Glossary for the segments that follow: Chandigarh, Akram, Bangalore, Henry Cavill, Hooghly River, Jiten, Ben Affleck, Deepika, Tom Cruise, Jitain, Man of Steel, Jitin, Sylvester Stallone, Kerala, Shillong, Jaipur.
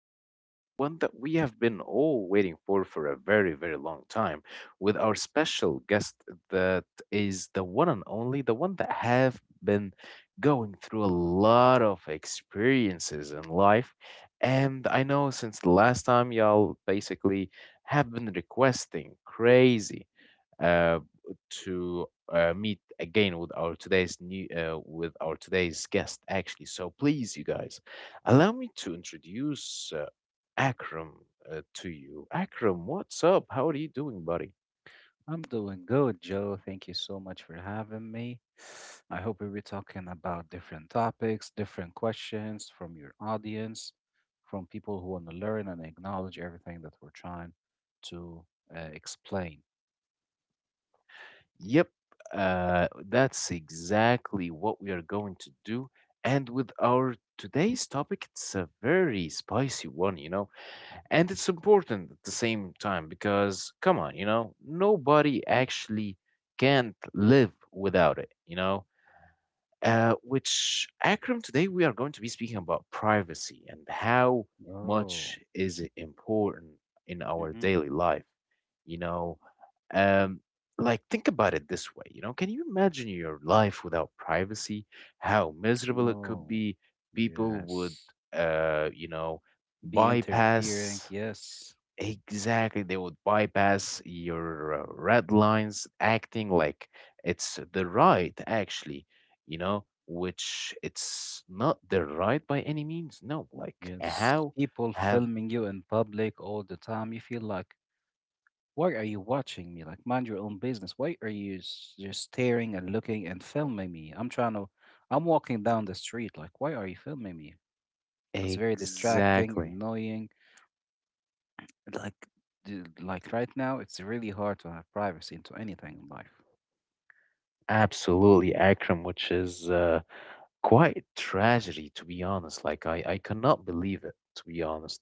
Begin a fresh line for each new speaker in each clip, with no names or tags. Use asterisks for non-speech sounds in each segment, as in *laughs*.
episode, the one that we have been all waiting for a very, very long time, with our special guest that is the one and only, the one that have been going through a lot of experiences in life. And I know since the last time, y'all basically have been requesting crazy uh, to meet again with our today's new with our today's guest actually. So please you guys allow me to introduce Akram. To you Akram, what's up, how are you doing, buddy?
I'm doing good, Joe. Thank you so much for having me. I hope we'll be talking about different topics, different questions from your audience, from people who want to learn and acknowledge everything that we're trying to explain.
Yep. That's exactly what we are going to do. And with our today's topic, it's a very spicy one, you know. And it's important at the same time because, come on, you know, nobody actually can't live without it, you know? Which, Akram, today we are going to be speaking about privacy and how
Oh,
much is it important in our
mm-hmm.
daily life, you know? Um, like, think about it this way, you know? Can you imagine your life without privacy? How miserable it could
No.
be. People would,
Yes.
you know,
Be interfering.
bypass.
Yes.
Exactly. They would bypass your red lines, acting like it's the right, actually, you know, which it's not the right by any means. No, like
Yes.
how
People
have.
filming you in public all the time. You feel like, why are you watching me? Like, mind your own business. Why are you just staring and looking and filming me? I'm walking down the street. Like, why are you filming me? It's very distracting,
Exactly,
annoying, and like, right now, it's really hard to have privacy into anything in life.
absolutely, Akram, which is quite tragedy, to be honest. Like, I cannot believe it, to be honest.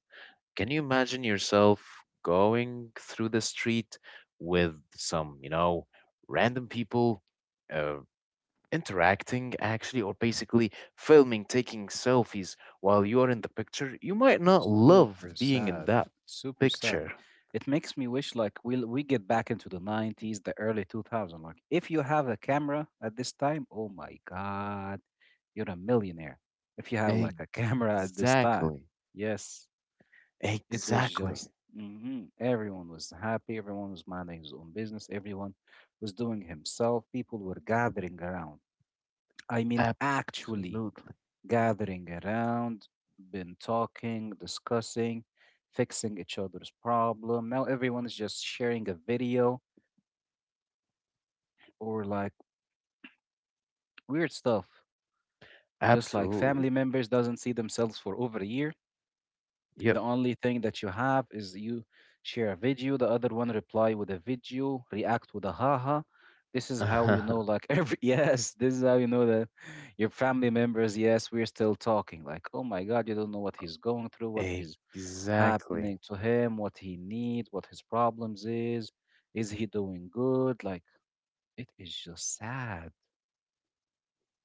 Can you imagine yourself going through the street with some, you know, random people uh, interacting actually, or basically filming, taking selfies while you're in the picture? You might not love
Super
being in
sad.
that
Super sad.
picture.
It makes me wish like we get back into the 90s, the early 2000s. Like, if you have a camera at this time, oh my God. You're a millionaire if you have like a *laughs* camera at this time.
Exactly.
Yes, it was
Exactly.
just, mhm, everyone was happy, everyone was minding his own business, everyone was doing himself. People were gathering around. I mean, actually
Absolutely.
gathering around, been talking, discussing, fixing each other's problem. Now everyone is just sharing a video or like weird stuff. Just like
Absolutely.
family members doesn't see themselves for over a year.
Yep.
The only thing that you have is you share a video, the other one reply with a video, react with a haha. This is how you know,
*laughs*
like *laughs* every yes, this is how you know that your family members. Yes, we're still talking. Like, oh my God, you don't know what he's going through, what is
Exactly.
happening to him, what he needs, what his problems is. Is he doing good? Like, it is just sad.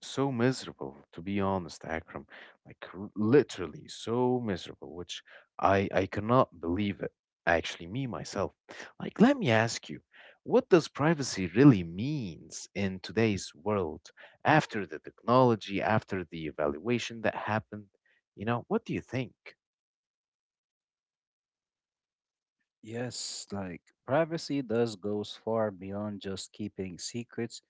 So miserable, to be honest, Akram. Like, literally so miserable, which I cannot believe it. Actually me myself, like, let me ask you, what does privacy really means in today's world, after the technology, after the evaluation that happened, you know, what do you think?
Yes, like privacy does goes far beyond just keeping secrets.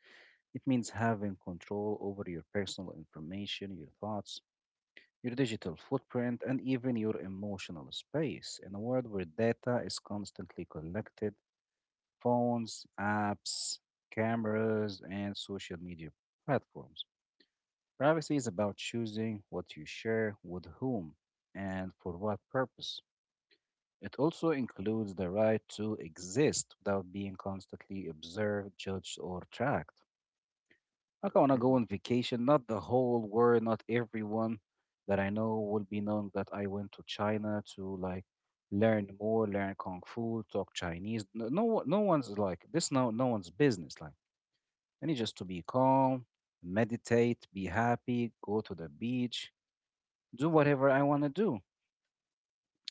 It means having control over your personal information, your thoughts, your digital footprint, and even your emotional space. In a world where data is constantly collected, phones, apps, cameras, and social media platforms, privacy is about choosing what you share with whom and for what purpose. It also includes the right to exist without being constantly observed, judged, or tracked. Like, I want to go
Mhm.
on vacation, not the whole world, not everyone that I know will be knowing that I went to China to like learn more, learn kung fu, talk Chinese. No, no, no one's like this. No, no one's business. Like, I need just to be calm, meditate, be happy, go to the beach, do whatever I want to do.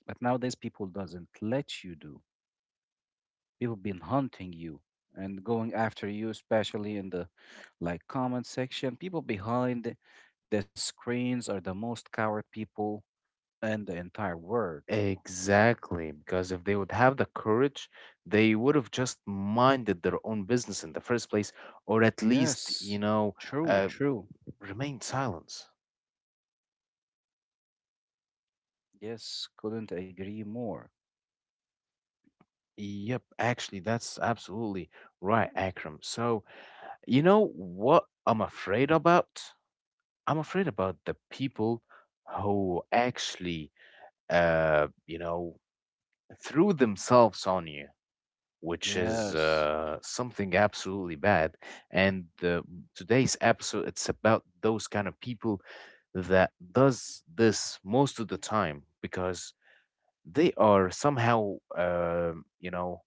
But nowadays, people doesn't let you do. People been hunting you and going after you, especially in the like comment section. People behind the screens are the most coward people in the entire world.
Exactly, because if they would have the courage, they would have just minded their own business in the first place, or at least, you
Yes,
know,
true,
uh,
true.
remain silence.
Yes, couldn't agree more.
Yep, actually, that's absolutely right, Akram. So, you know what I'm afraid about? I'm afraid about the people who actually, you know, threw themselves on you, which is
Yes,
something absolutely bad. And today's episode, it's about those kind of people that does this most of the time because they are somehow, you know,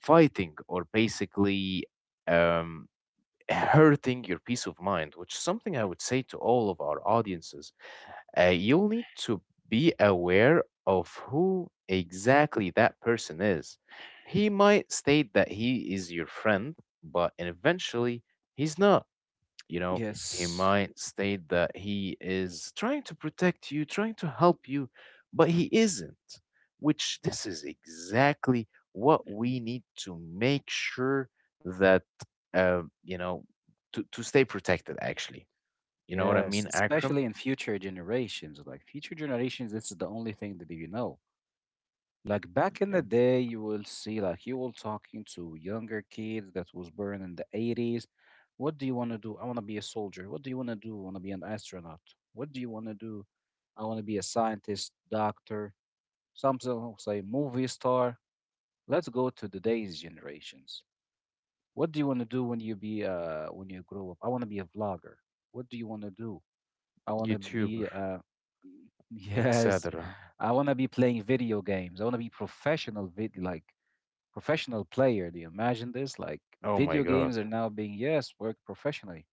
fighting or basically um, hurting your peace of mind, which is something I would say to all of our audiences. You'll need to be aware of who exactly that person is. He might state that he is your friend, but eventually he's not. You know, he
yes.
might state that he is trying to protect you, trying to help you, but he isn't, which this is exactly what
Mhm.
we need to make sure that, you know, to, stay protected, actually. You know what I
Yes,
mean, Akram?
especially in future generations. Like future generations, this is the only thing that you know. Like back in the
Yep.
day, you will see, like, you will talking to younger kids that was born in the 80s. What do you want to do? I want to be a soldier. What do you want to do? I want to be an astronaut. What do you want to do? I want to be a scientist, doctor, something will say movie star. Let's go to today's generations. What do you want to do when you be when you grow up? I want to be a vlogger. What do you want to do? I want to be
YouTuber,
*laughs* yes,
etc.
I want to be playing video games. I want to be professional vid like professional player. Do you imagine this? Like
Oh my
video games
God.
are now being, yes, worked professionally.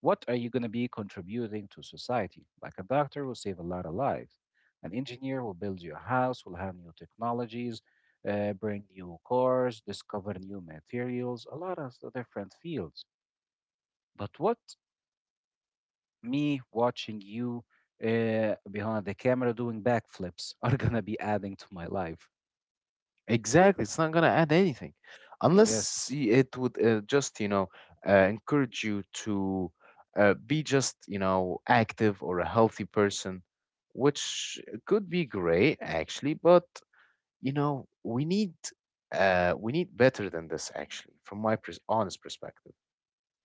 What are you going to be contributing to society? Like a doctor will save a lot of lives. An engineer will build your house, will have new technologies, bring new cars, discover new materials, a lot of the different fields. But what me watching you behind the camera doing backflips *laughs* are going to be adding to my life?
Exactly. It's not going to add anything unless
Yes.
it would just, you know, encourage you to be just, you know, active or a healthy person, which could be great actually, but you know, we need better than this actually from my honest perspective.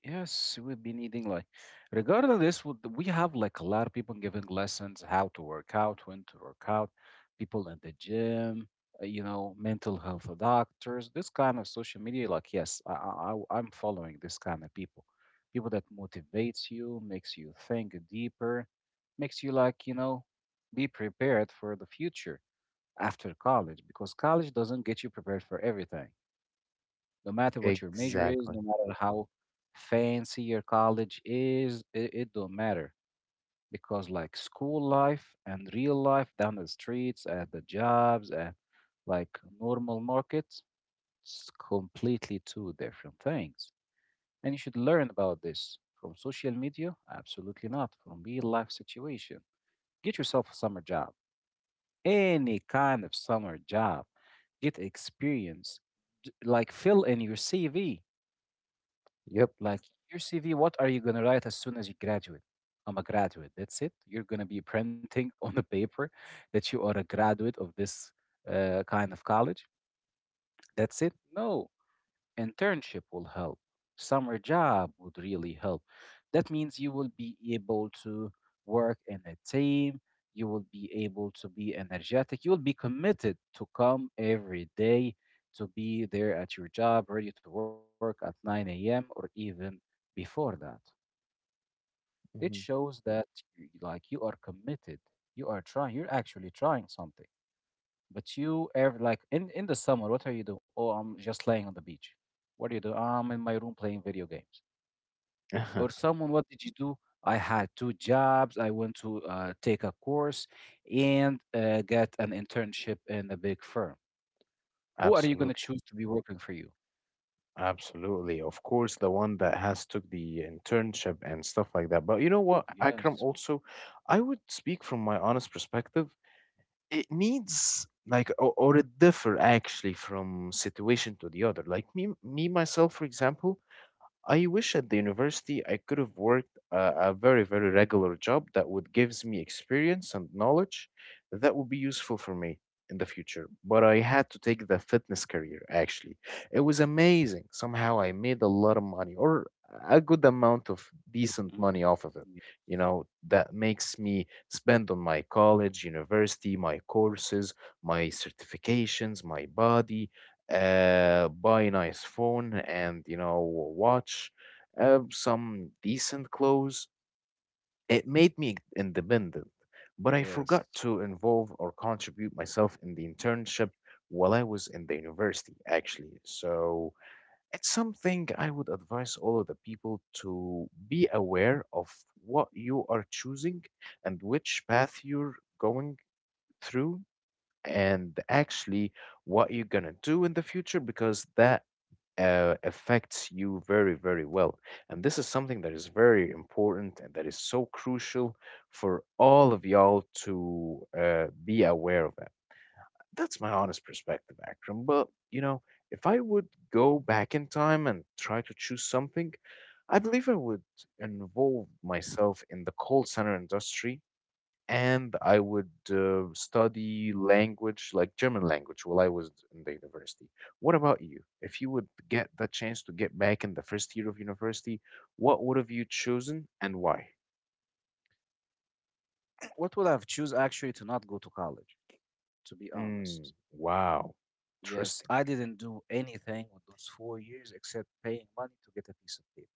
Yes, we've been needing like, regarding this, we have like a lot of people giving lessons how to work out, when to work out, people in the gym, mental health doctors, this kind of social media. Like, yes, I'm following this kind of people, people that motivates you, makes you think deeper, makes you like, be prepared for the future after college because college doesn't get you prepared for everything. No matter what your major is,
Exactly.
no matter how fancy your college is, it don't matter because like school life and real life down the streets at the jobs at like normal markets, it's completely two different things. And you should learn about this from social media? Absolutely not. From real life situation. Get yourself a summer job, any kind of summer job. Get experience. Like fill in your CV.
Yep.
Like your CV, what are you gonna write as soon as you graduate? I'm a graduate. That's it. You're gonna be printing *laughs* on the paper that you are a graduate of this kind of college. That's it. No, internship will help. Summer job would really help. That means you will be able to work in a team. You will be able to be energetic. You will be committed to come every day to be there at your job, ready to work at 9 a.m. or even before that. It
Hmm.
shows that like you are committed, you are trying, you're actually trying something. But you ever like in the summer, what are you doing? Oh, I'm just laying on the beach. What do you do? I'm in my room playing video games. Or
*laughs*
someone, what did you do? I had two jobs. I went to take a course and get an internship in a big firm. Who are you going to
Absolutely.
choose to be working for you?
Absolutely. Of course, the one that has took the internship and stuff like that. But you know what, Akram,
Yes.
also, I would speak from my honest perspective. It needs like or it differ actually from situation to the other. Like me myself, for example, I wish at the university I could have worked a very, very regular job that would gives me experience and knowledge that would be useful for me in the future. But I had to take the fitness career actually. It was amazing. Somehow I made a lot of money or a good amount of decent money
Hmm.
off of it. You know, that makes me spend on my college, university, my courses, my certifications, my body, buy nice phone and you know watch, some decent clothes. It made me independent, but I
Yes.
forgot to involve or contribute myself in the internship while I was in the university, actually. So it's something I would advise all of the people to be aware of what you are choosing and which path you're going through and actually what you're going to do in the future, because that affects you very, very well. And this is something that is very important and that is so crucial for all of y'all to be aware of that. That's my honest perspective, Akram. But, you know, if I would go back in time and try to choose something, I believe I would involve myself in the call center industry and I would study language like German language while I was in the university. What about you? If you would get the chance to get back in the first year of university, what would have you chosen and why?
What would I have choose actually to not go to college, to be
Mm,
honest?
wow,
Yes,
interesting.
I didn't do anything with those 4 years except paying money to get a piece of paper.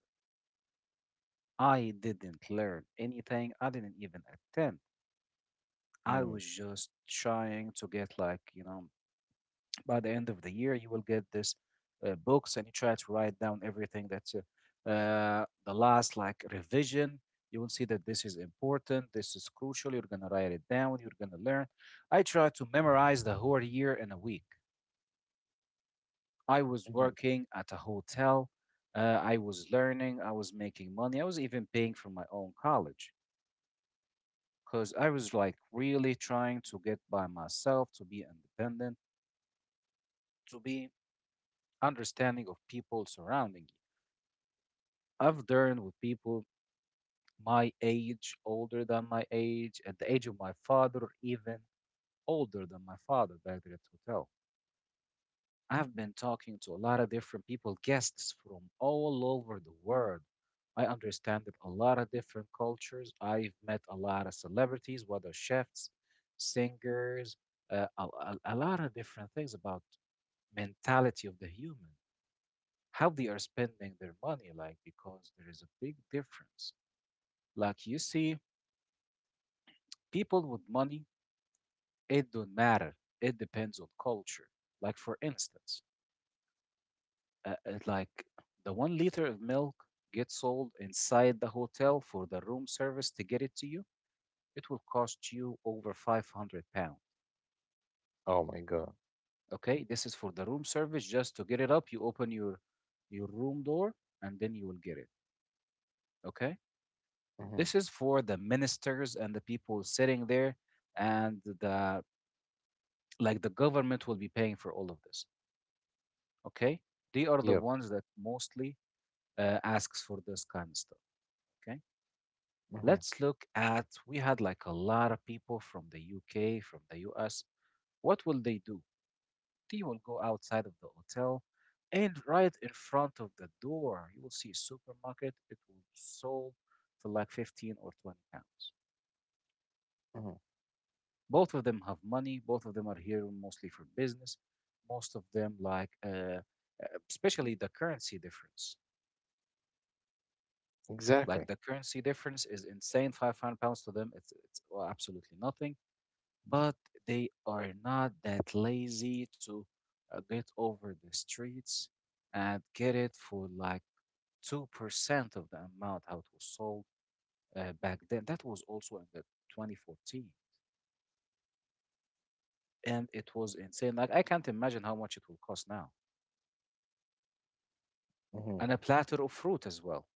I didn't learn anything. I didn't even attend. I
Mm,
was just trying to get, like, by the end of the year, you will get this books and you try to write down everything that's the last, like, revision. You will see that this is important. This is crucial. You're going to write it down. You're going to learn. I tried to memorize the whole year in a week. I was
hmm.
working at a hotel. I was learning. I was making money. I was even paying for my own college because I was like really trying to get by myself, to be independent, to be understanding of people surrounding you. I've learned with people my age, older than my age, at the age of my father, or even older than my father back there at the hotel. I've been talking to a lot of different people, guests from all over the world. I understand that a lot of different cultures. I've met a lot of celebrities, whether chefs, singers, a lot of different things about mentality of the human, how they are spending their money, like because there is a big difference. Like you see, people with money, it don't matter. It depends on culture. Like for instance, it's like the 1 liter of milk gets sold inside the hotel for the room service to get it to you, it will cost you over 500 pounds.
Oh my God.
Okay, this is for the room service just to get it up. You open your room door and then you will get it. Okay,
Hmm.
this is for the ministers and the people sitting there, and the government will be paying for all of this. Okay, they are the
Yep.
ones that mostly asks for this kind of stuff. Okay,
Hmm.
let's look at we had like a lot of people from the UK, from the US. What will they do? They will go outside of the hotel and right in front of the door, you will see a supermarket. It will be sold for like 15 or 20 pounds.
Hmm.
Both of them have money. Both of them are here mostly for business. Most of them like, especially the currency difference.
Exactly.
Like the currency difference is insane. £500 to them, it's well, absolutely nothing but they are not that lazy to get over the streets and get it for like 2% of the amount how it was sold back then. That was also in the 2014. And it was insane. Like, I can't imagine how much it will cost now.
Hmm.
And a platter of fruit as well.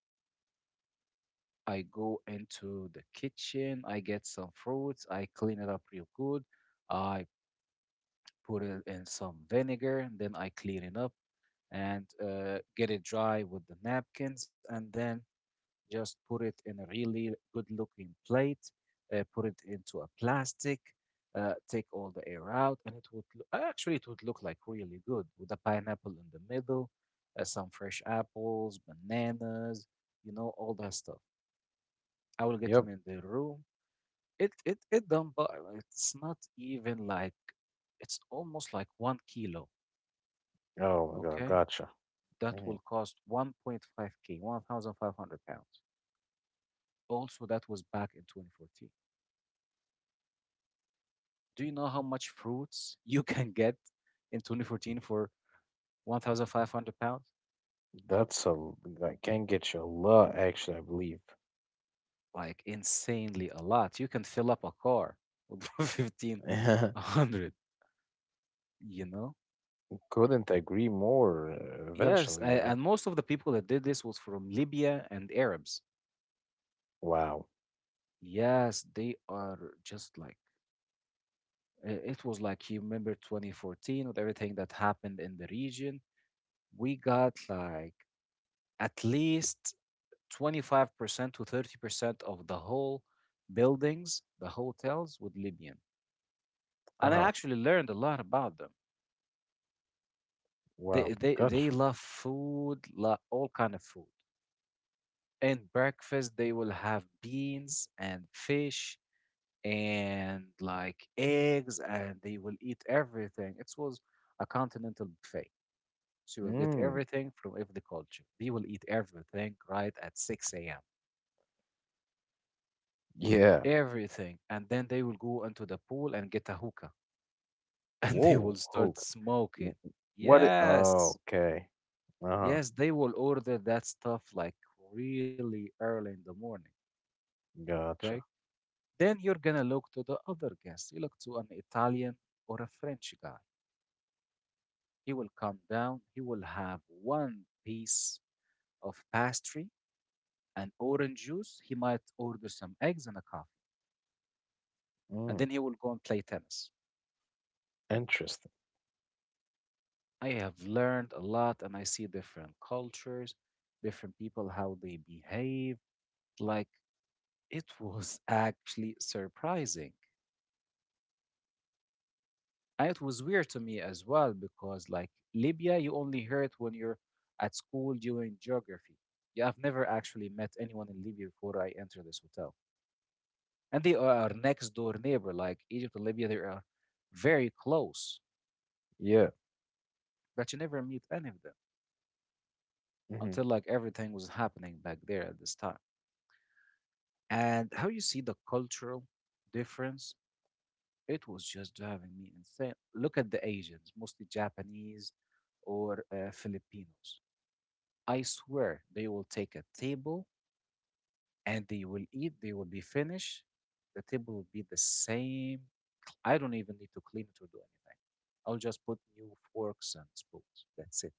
I go into the kitchen, I get some fruits, I clean it up real good, I put it in some vinegar, and then I clean it up. And get it dry with the napkins, and then just put it in a really good looking plate, put it into a plastic, take all the air out, and it would actually it would look like really good with a pineapple in the middle, some fresh apples, bananas, you know, all that stuff. I will get
Yep.
him in the room. It don't bother. It's not even like it's almost like one kilo.
Oh my God.
Okay,
Gotcha.
that
Hmm.
will cost 1.5K, 1,500 pounds. Also, that was back in 2014. Do you know how much fruits you *laughs* can get in 2014 for 1,500 pounds?
That's that can get you a lot, actually, I believe.
Like insanely a lot. You can fill up a car with *laughs*
*laughs*
1,500, you know?
Couldn't agree more
Yes,
eventually, you
a-
know.
and most of the people that did this was from Libya and Arabs.
Wow.
Yes, they are just like it was like, you remember 2014 with everything that happened in the region. We got like at least 25% to 30% of the whole buildings, the hotels with Libyan. And I
Uh-huh.
actually learned a lot about them. They
Wow.
they, they
Gotcha.
love food, all kind of food. And breakfast, they will have beans and fish and like eggs, and they will eat everything. It was a continental buffet. So you will get
Mm.
everything from every culture. They will eat everything right at 6 a.m.,
Yeah.
everything, and then they will go into the pool and get a hookah, *laughs* and they will
Whoa.
start
Okay. W-
smoking.
What it,
Yes,
oh, okay. Uh-huh.
yes, they will order that stuff like really early in the morning. Okay,
Gotcha.
then you're gonna look to the other guest. You look to an Italian or a French guy. He will come down. He will have one piece of pastry and orange juice. He might order some eggs and a coffee, and
Mm.
then he will go and play tennis.
Interesting.
I have learned a lot, and I see different cultures, different people, how they behave. Like, it was *laughs* actually surprising. And it was weird to me as well because, like, Libya, you only hear it when you're at school doing geography. Yeah, I've never actually met anyone in Libya before I entered this hotel. And they are our next door neighbor, like Egypt and Libya, they are very close,
Yeah.
but you never meet any of them
Hmm.
until like everything was happening back there at this time. And how you see the cultural difference, it was just driving me insane. Look at the Asians, mostly Japanese or Filipinos. I swear they will take a table and they will eat, they will be finished, the table will be the same. I don't even need to clean it or do anything. I'll just put new forks and spoons, that's it.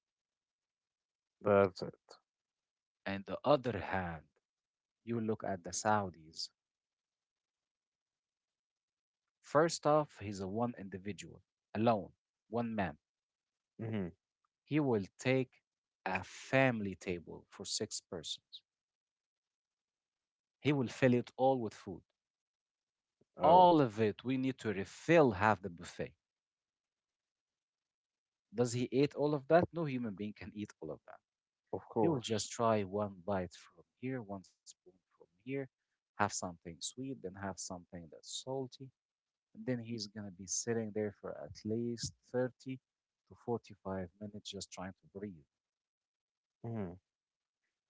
That's it.
And the other hand, you look at the Saudis. First off, he's a one individual, alone, one man.
Hmm.
He will take a family table for six persons. He will fill it all with food.
Oh,
All of it, we need to refill half the buffet. Does he eat all of that? No human being can eat all of that.
of
He will
course.
just try one bite from here, one spoon from here, have something sweet, then have something that's salty. And then he's going to be sitting there for at least 30 to 45 minutes just trying to breathe.
Hmm.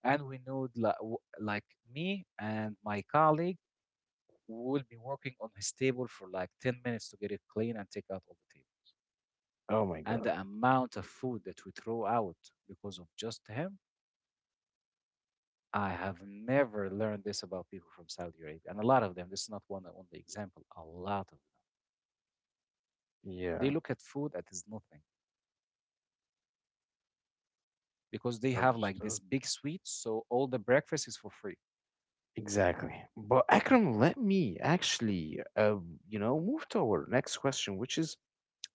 And we know, like me and my colleague will be working on his table for like 10 minutes to get it clean and take out all the table.
Oh my
And
God.
the amount of food that we throw out because of just him, I have never learned this about people from Saudi Arabia. And a lot of them, this is not one only example, a lot of them. They
Yeah.
look at food that is nothing because they have like
Understood.
this big suite, so all the breakfast is for free.
Exactly. But Akram, let me actually, you know, move to our next question, which is: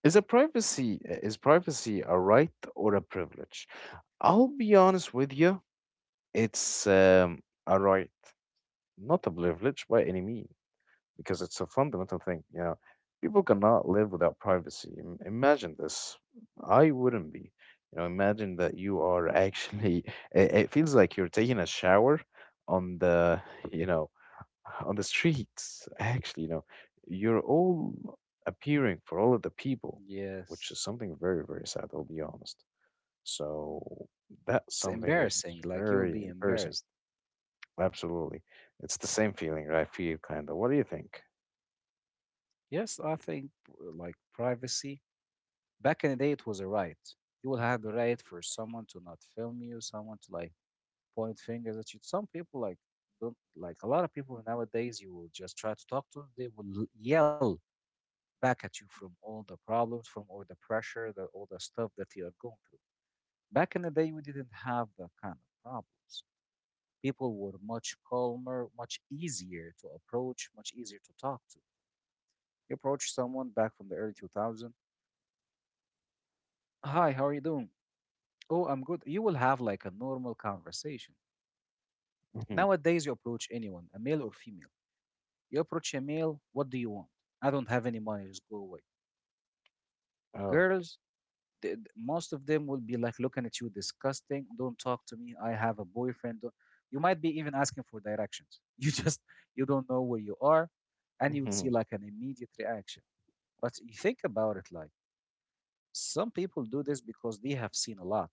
is a privacy is privacy a right or a privilege? I'll be honest with you, it's a right, not a privilege by any means, because it's a fundamental thing. You know, people cannot live without privacy. Imagine this. I wouldn't be. You know, imagine that you are actually. *laughs* It feels like you're taking a shower on the, you know, on the streets, actually, you know, you're all appearing for all of the people, which is
Yes.
something very, very sad, I'll be honest. So that
It's
something is
embarrassing. Like, you will
very
be
embarrassing.
embarrassed.
Absolutely. It's the same feeling I feel, kind of. What do you think?
Yes, I think like, privacy, back in the day, it was a right. You will have the right for someone to not film you, someone to like point fingers at you. Some people like don't like a lot of people nowadays. You will just try to talk to them. They will yell back at you from all the problems, from all the pressure, all the stuff that you are going through. Back in the day, we didn't have that kind of problems. People were much calmer, much easier to approach, much easier to talk to. You approach someone back from the early 2000. "Hi, how are you doing?" "Oh, I'm good." You will have like a normal conversation.
Hmm.
Nowadays, you approach anyone, a male or female. You approach a male, "What do you want? I don't have any money, just go away."
Oh,
Girls, most of them will be like looking at you disgusting. "Don't talk to me. I have a boyfriend. Don't-" You might be even asking for directions. *laughs* You just, you don't know where you are, and you'll see
hmm.
like an immediate reaction. But you think about it, like some people do this because they have seen a lot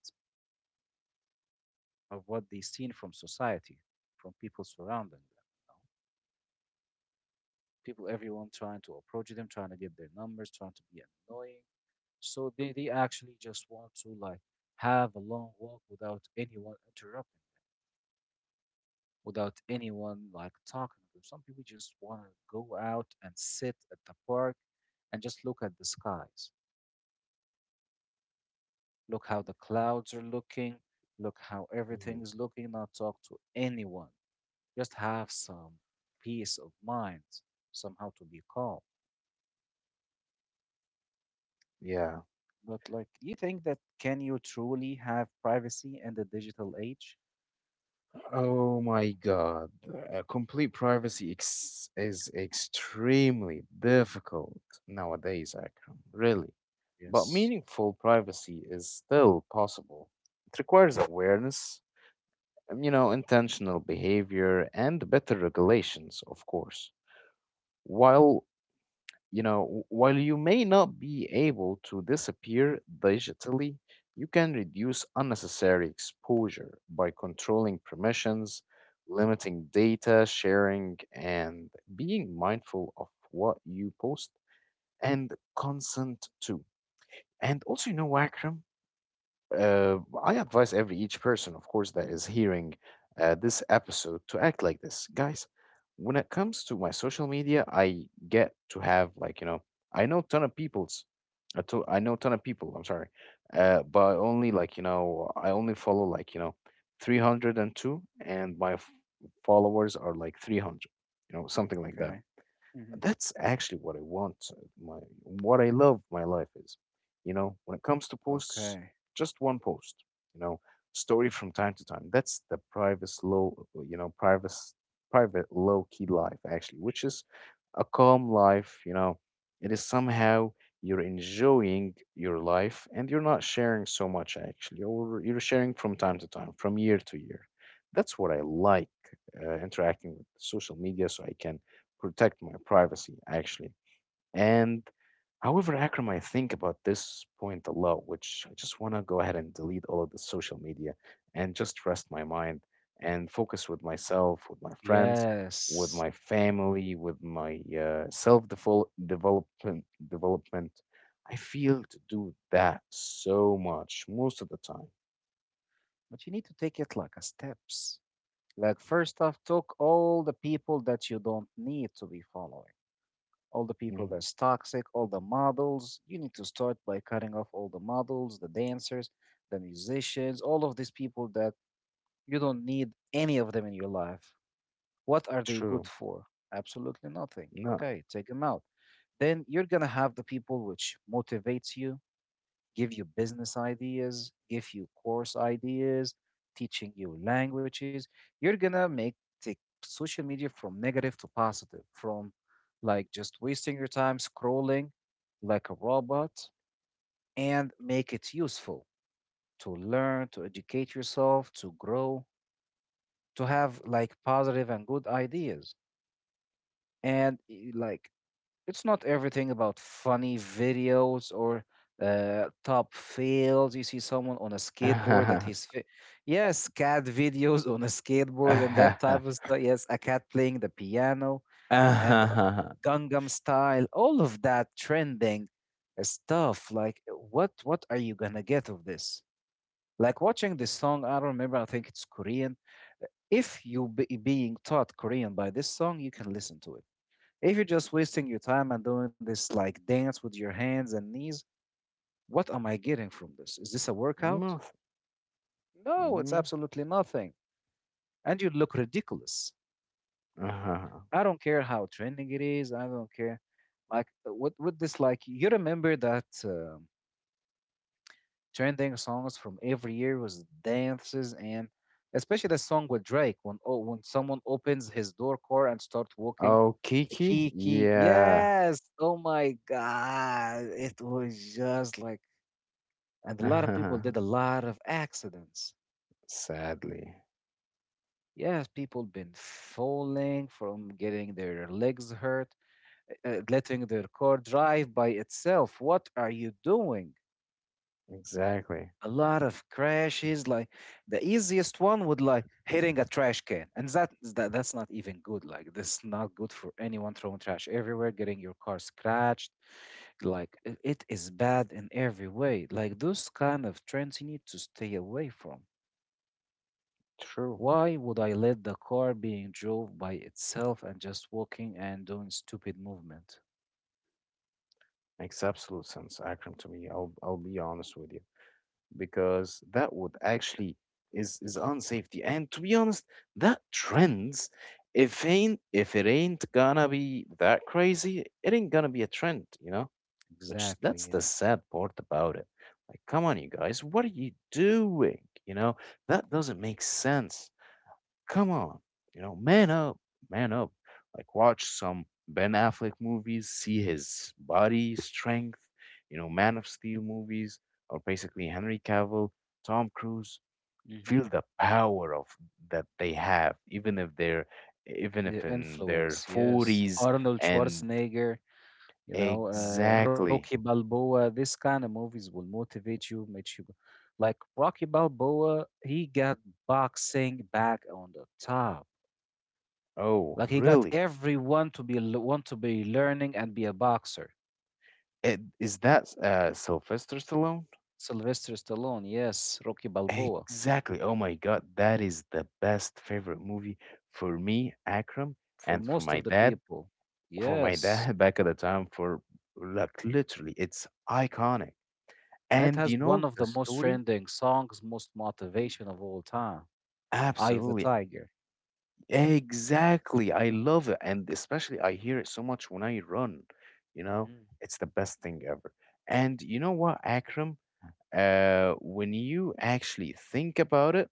of what they've seen from society, from people surrounding them. People, everyone trying to approach them, trying to get their numbers, trying to be annoying. So they actually just want to like have a long walk without anyone interrupting them, without anyone like talking to them. Some people just want to go out and sit at the park and just look at the skies. Look how the clouds are looking, look how
Hmm.
everything is looking, not talk to anyone. Just have some peace of mind, somehow to be calm.
Yeah.
But like, do you think that can you truly have privacy in the digital age?
Oh my God. Complete privacy is extremely difficult nowadays, Akram. Really. But
Yes.
meaningful privacy is still possible. It requires awareness, you know, intentional behavior, and better regulations, of course. While you know, while you may not be able to disappear digitally, you can reduce unnecessary exposure by controlling permissions, limiting data sharing, and being mindful of what you post and consent to. And also, you know, Wakram, Uh, I advise every each person, of course, that is hearing this episode to act like this. Guys, when it comes to my social media, I get to have like, you know, I know ton of people's I know ton of people, I'm sorry. But only like, you know, I only follow like, you know, 302, and my followers are like 300, you know, something like
Okay.
that.
Hmm.
That's actually what I want. My what I love my life is, you know, when it comes to posts,
Okay.
just one post, you know, story from time to time. That's the private low, you know, private low key life actually, which is a calm life. You know, it is somehow you're enjoying your life and you're not sharing so much actually, or you're sharing from time to time, from year to year. That's what I like interacting with social media, so I can protect my privacy, actually. And however, Akram, I think about this point a lot, which I just want to go ahead and delete all of the social media and just rest my mind and focus with myself, with my friends, with
Yes.
my family, with my self development. I feel to do that so much most of the time.
But you need to take it like a steps. Like, first off, talk all the people that you don't need to be following. All the people
Mhm.
that's toxic, all the models. You need to start by cutting off all the models, the dancers, the musicians, all of these people that you don't need any of them in your life. What are they good
True.
for? Absolutely nothing.
No.
Okay, take them out. Then you're gonna have the people which motivates you, give you business ideas, give you course ideas, teaching you languages. You're gonna make take social media from negative to positive, from like just wasting your time scrolling like a robot, and make it useful to learn, to educate yourself, to grow, to have like positive and good ideas. And like, it's not everything about funny videos or top fails. You see someone on a skateboard that
*laughs*
he's yes, cat videos on a skateboard and that type of stuff. Yes, a cat playing the piano and Gangnam style, all of that trending stuff. Like, what are you gonna get of this? Like watching this song, I don't remember. I think it's Korean. If you be being taught Korean by this song, you can listen to it. If you're just wasting your time and doing this like dance with your hands and knees, what am I getting from this? Is this a workout?
Nothing.
No, it's
Mm.
absolutely nothing. And you look ridiculous.
Uh-huh.
I don't care how trending it is. I don't care. Like, what with this, like you remember that trending songs from every year was dances, and especially the song with Drake, when, oh, when someone opens his door core and starts walking,
Oh, Kiki?
Key Key,
Yeah.
yes, oh my God, it was just like, and a lot of people did
*laughs*
a lot of accidents.
Sadly.
Yes, people been falling from getting their legs hurt, letting their car drive by itself. What are you doing?
Exactly.
A lot of crashes. Like, the easiest one would like hitting a trash can, and that's not even good. Like, this is not good for anyone throwing trash everywhere, getting your car scratched. Like, it is bad in every way. Like, those kind of trends you need to stay away from.
True.
Why would I let the car being drove by itself and just walking and doing stupid movement?
Makes absolute sense, Akram, to me. I'll be honest with you. Because that would actually is unsafety. And to be honest, that trends if it ain't gonna be that crazy, it ain't gonna be a trend, you know? Which that's
Exactly,
the
yes.
sad part about it. Like, come on you guys, what are you doing? You know, that doesn't make sense. Come on, you know, man up, man up. Like watch some Ben Affleck movies, see his body strength, you know, Man of Steel movies, or basically Henry Cavill, Tom Cruise.
Hmm.
Feel the power of that they have, even if they're even
The
if in their
influence, yes.
forties
Arnold
and
Schwarzenegger, you know, Rocky
exactly.
Balboa, this kind of movies will motivate you, make you go. Like Rocky Balboa, he got boxing back on the top.
Oh,
Like, he got
really?
everyone to be want to be learning and be a boxer.
It, is that Sylvester Stallone?
Sylvester Stallone, yes, Rocky Balboa.
Exactly. Oh my God, that is the best favorite movie for me, Akram,
For
and for
most
my
of the
dad.
people.
For my
Yes.
dad *laughs* back at the time, for like literally, it's iconic.
And it
And
has
you
one
know
of
the
the most
story?
trending songs, most motivation of all time. Eye of the
Absolutely.
Tiger.
Exactly. I love it. And especially I hear it so much when I run. You know,
Hmm.
it's the best thing ever. And you know what, Akram? When you actually think about it,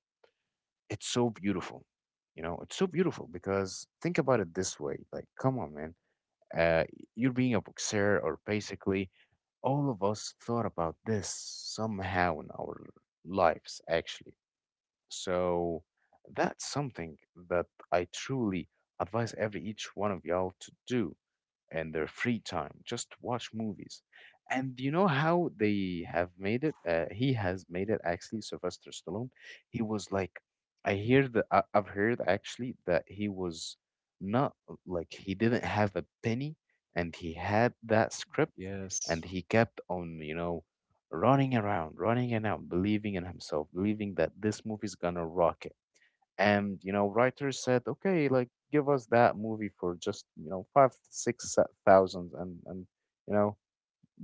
it's so beautiful. You know, it's so beautiful because think about it this way. Like, come on, man. Uh, you're being a boxer, or basically, all of us thought about this somehow in our lives, actually. So that's something that I truly advise every each one of y'all to do and their free time just watch movies. And you know how they have made it? He has made it actually, Sylvester Stallone. He was like, I hear that I've heard actually that he was not like he didn't have a penny and he had that script
Yes.
and he kept on, you know, running around, believing in himself, believing that this movie's gonna rocket and, you know, writers said, okay, like give us that movie for just, you know, five, thousand and you know,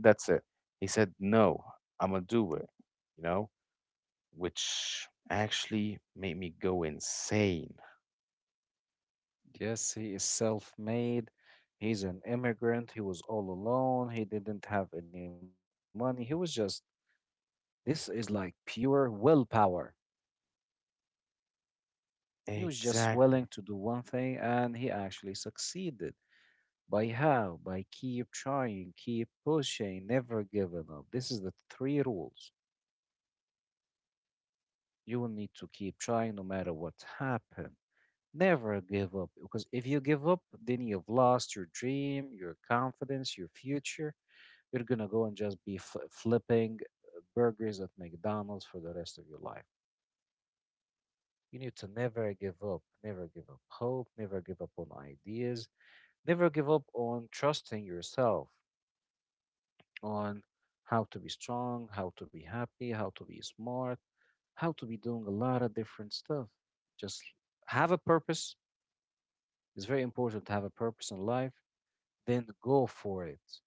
that's it. He said, no, I'm gonna do it, you know, which actually made me go insane.
Yes, he is self made. He's an immigrant. He was all alone. He didn't have any money. He was just, this is like pure willpower. He was just willing
Exactly.
to do one thing, and he actually succeeded. By how? By keep trying, keep pushing, never giving up. This is the three rules. You will need to keep trying no matter what happens. Never give up, because if you give up, then you've lost your dream, your confidence, your future. You're gonna go and just be flipping burgers at McDonald's for the rest of your life. You need to never give up, never give up hope, never give up on ideas, never give up on trusting yourself, on how to be strong, how to be happy, how to be smart, how to be doing a lot of different stuff. Just have a purpose. It's very important to have a purpose in life, then go for it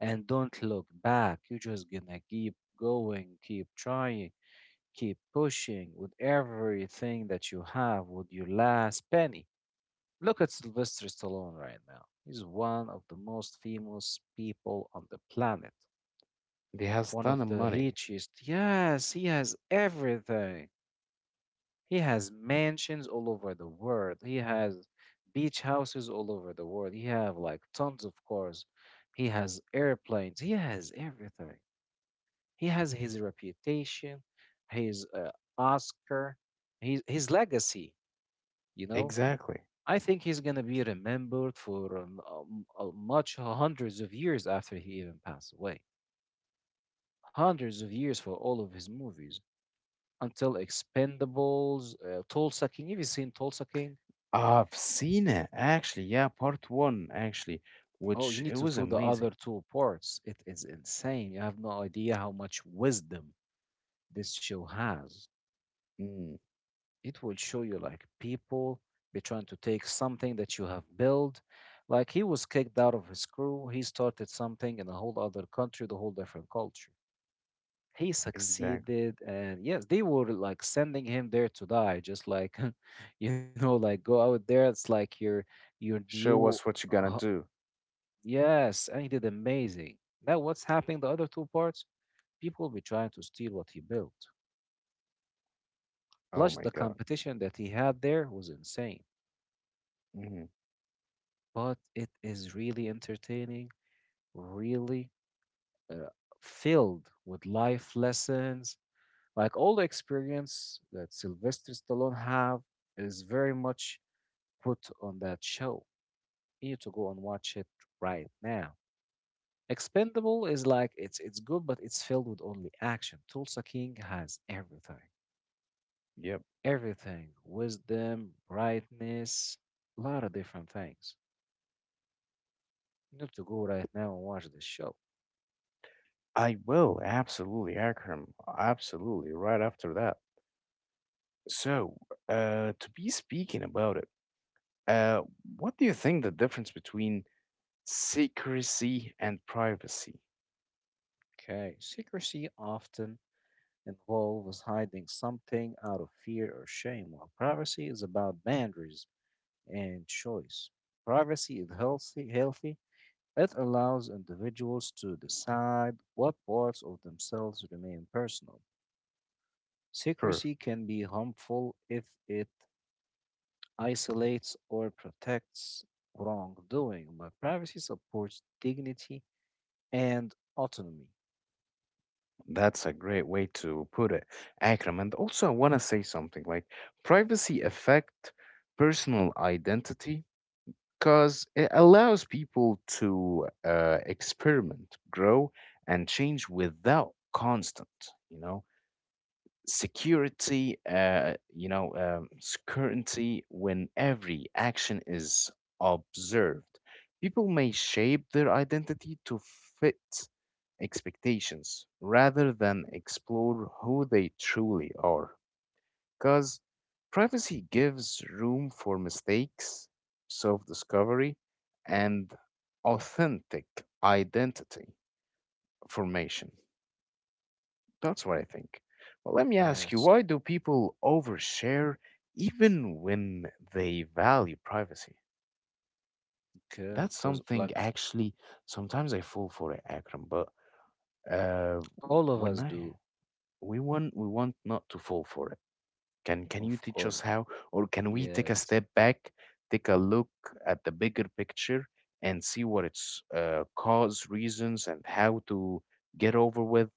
and don't look back. You're just gonna keep going, keep trying, keep pushing with everything that you have, with your last penny. Look at Sylvester Stallone right now. He's one of the most famous people on the planet,
They has
one
ton
of
of
the
money.
richest. Yes, he has everything. He has mansions all over the world. He has beach houses all over the world. He have like tons of cars. He has airplanes. He has everything. He has his reputation, his Oscar, his legacy. You know,
Exactly.
I think he's gonna be remembered for much hundreds of years after he even passed away. Hundreds of years for all of his movies until Expendables, Tulsa King. Have you seen Tulsa King?
I've seen it actually. Yeah, part one actually,
Oh, you
which
need
it
to
was
do the other
amazing.
two parts. It is insane. You have no idea how much wisdom this show has.
Mm,
It will show you like people be trying to take something that you have built. Like he was kicked out of his crew, he started something in a whole other country, the whole different culture. He
exactly.
succeeded, and yes, they were like sending him there to die, just like *laughs* you know, like go out there. It's like your
Show
new
us what you're gonna
uh,
do.
yes, and he did amazing. Now, what's happening the other two parts? People will be trying to steal what he built.
Oh
Plus,
my
the
God.
competition that he had there was insane.
Hmm.
But it is really entertaining, really uh, filled with life lessons. Like all the experience that Sylvester Stallone have is very much put on that show. You need to go and watch it right now. Expendable is like it's good, but it's filled with only action. Tulsa King has everything,
Yep.
everything, wisdom, brightness, a lot of different things. You need to go right now and watch this show.
I will absolutely, Akram. Absolutely, right after that. So, to be speaking about it, uh, what do you think the difference between secrecy and privacy?
Okay, secrecy often involves hiding something out of fear or shame, while privacy is about boundaries and choice. Privacy is healthy, healthy. It allows individuals to decide what parts of themselves remain personal.
Per,
Secrecy can be harmful if it isolates or protects wrongdoing, but privacy supports dignity and autonomy.
that's a great way to put it, Akram. And also, I want to say something like privacy affect personal identity because it allows people to experiment, grow, and change without constant, you know security, certainty when every action is observed. People may shape their identity to fit expectations rather than explore who they truly are. Because privacy gives room for mistakes, self discovery, and authentic identity formation. That's what I think. Well, let me ask you,
Yes,
why do people overshare even when they value privacy?
okay,
That's
because
something
like
actually sometimes I fall for it, Akram, but uh
all of
when
us
I
do,
we want not to fall for it. Can you
of
teach us
course.
how, or can we take a
Yes,
step back, take a look at the bigger picture and see what its cause, reasons and how to get over with?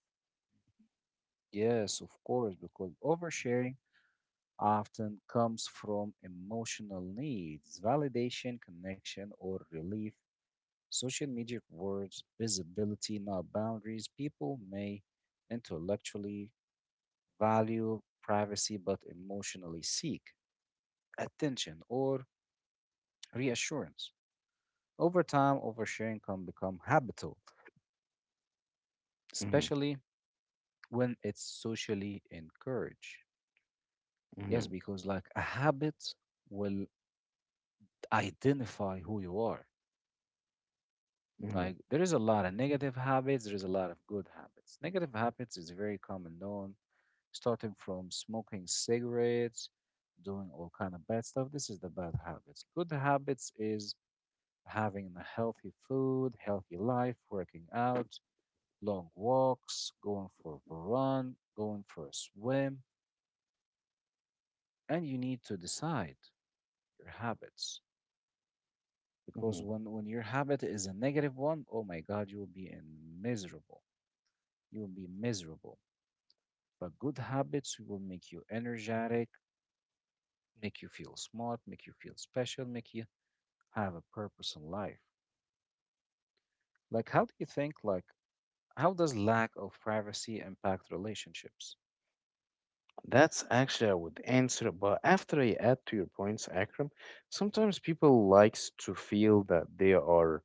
yes, of course, because oversharing often comes from emotional needs, validation, connection, or relief. Social media rewards visibility, not boundaries. People may intellectually value privacy but emotionally seek attention or reassurance. Over time, oversharing can become habitual,
Hmm.
especially when it's socially encouraged.
Hmm.
Yes, because like a habit will identify who you are.
Hmm.
Like there is a lot of negative habits, there is a lot of good habits. Negative habits is very common known, starting from smoking cigarettes, doing all kind of bad stuff. This is the bad habits. Good habits is having a healthy food, healthy life, working out, long walks, going for a run, going for a swim, and you need to decide your habits, because
Hmm.
when your habit is a negative one, oh my God, you will be in miserable. You will be miserable. But good habits will make you energetic, make you feel smart, make you feel special, make you have a purpose in life. Like, how do you think, like, how does lack of privacy impact relationships?
That's actually I would answer, but after I add to your points, Akram,
Mhm.
sometimes people likes to feel that they are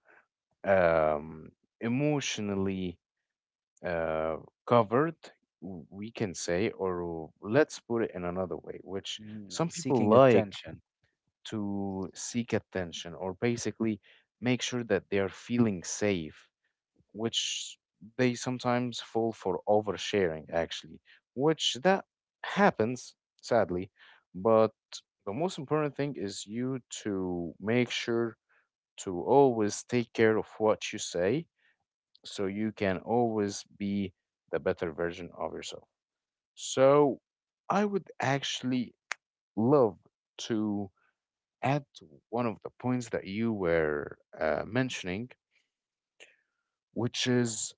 um, emotionally uh, covered, we can say, or let's put it in another way, which
Mm,
some
like,
people
seeking
like
attention.
to seek attention or basically make sure that they are feeling safe which they sometimes fall for oversharing, actually, which that happens, sadly. But the most important thing is you to make sure to always take care of what you say so you can always be the better version of yourself. So I would actually love to add to one of the points that you were mentioning, which is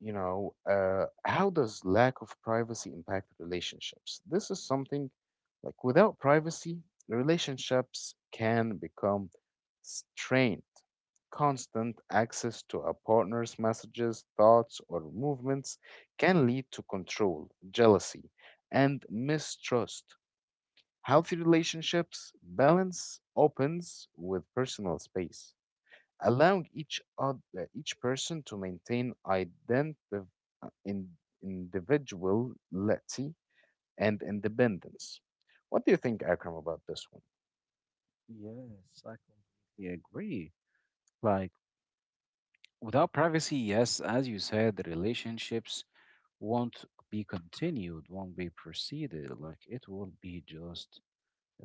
you know, how does lack of privacy impact relationships? This is something like without privacy, relationships can become strained. Constant access to a partner's messages, thoughts, or movements can lead to control, jealousy, and mistrust. Healthy relationships balance opens with personal space allowing each other, each person to maintain identity, in, individuality and independence. What do you think, Akram, about this one?
Yes, I completely agree. Like, without privacy, yes, as you said, the relationships won't be continued, won't be proceeded. Like, it will be just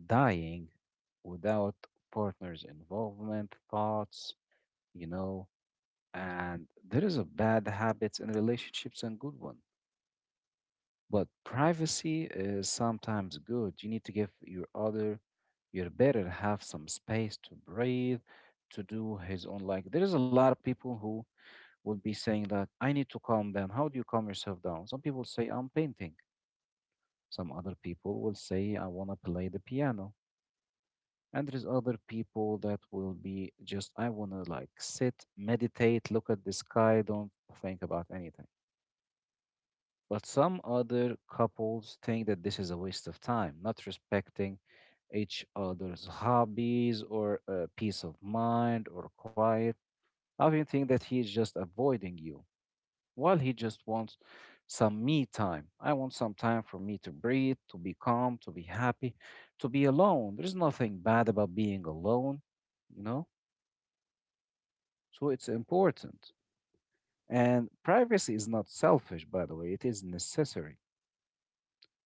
dying without partners' involvement, thoughts, you know. And there is a bad habits in relationships and good one. But privacy is sometimes good. You need to give your other, your better have some space to breathe, to do his own. Like there is a lot of people who would be saying that I need to calm down. How do you calm yourself down? Some people say I'm painting. Some other people will say I want to play the piano. And there's other people that will be just I want to like sit, meditate, look at the sky, don't think about anything. But some other couples think that this is a waste of time, not respecting each other's hobbies or peace of mind or quiet. I often think that he is just avoiding you while he just wants some me time. I want some time for me to breathe, to be calm, to be happy, to be alone. There's nothing bad about being alone, you know? So it's important. And privacy is not selfish, by the way, it is necessary.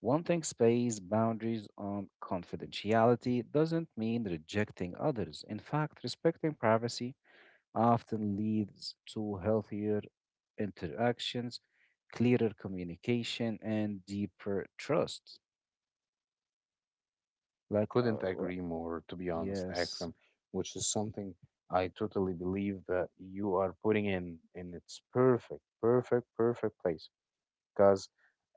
Wanting space boundaries on confidentiality doesn't mean rejecting others. In fact, respecting privacy often leads to healthier interactions, clearer communication, and deeper trust. Like,
Couldn't
well,
agree more, to be honest,
yes,
Akram, which is something I totally believe that you are putting in, and it's perfect, perfect, perfect place. Because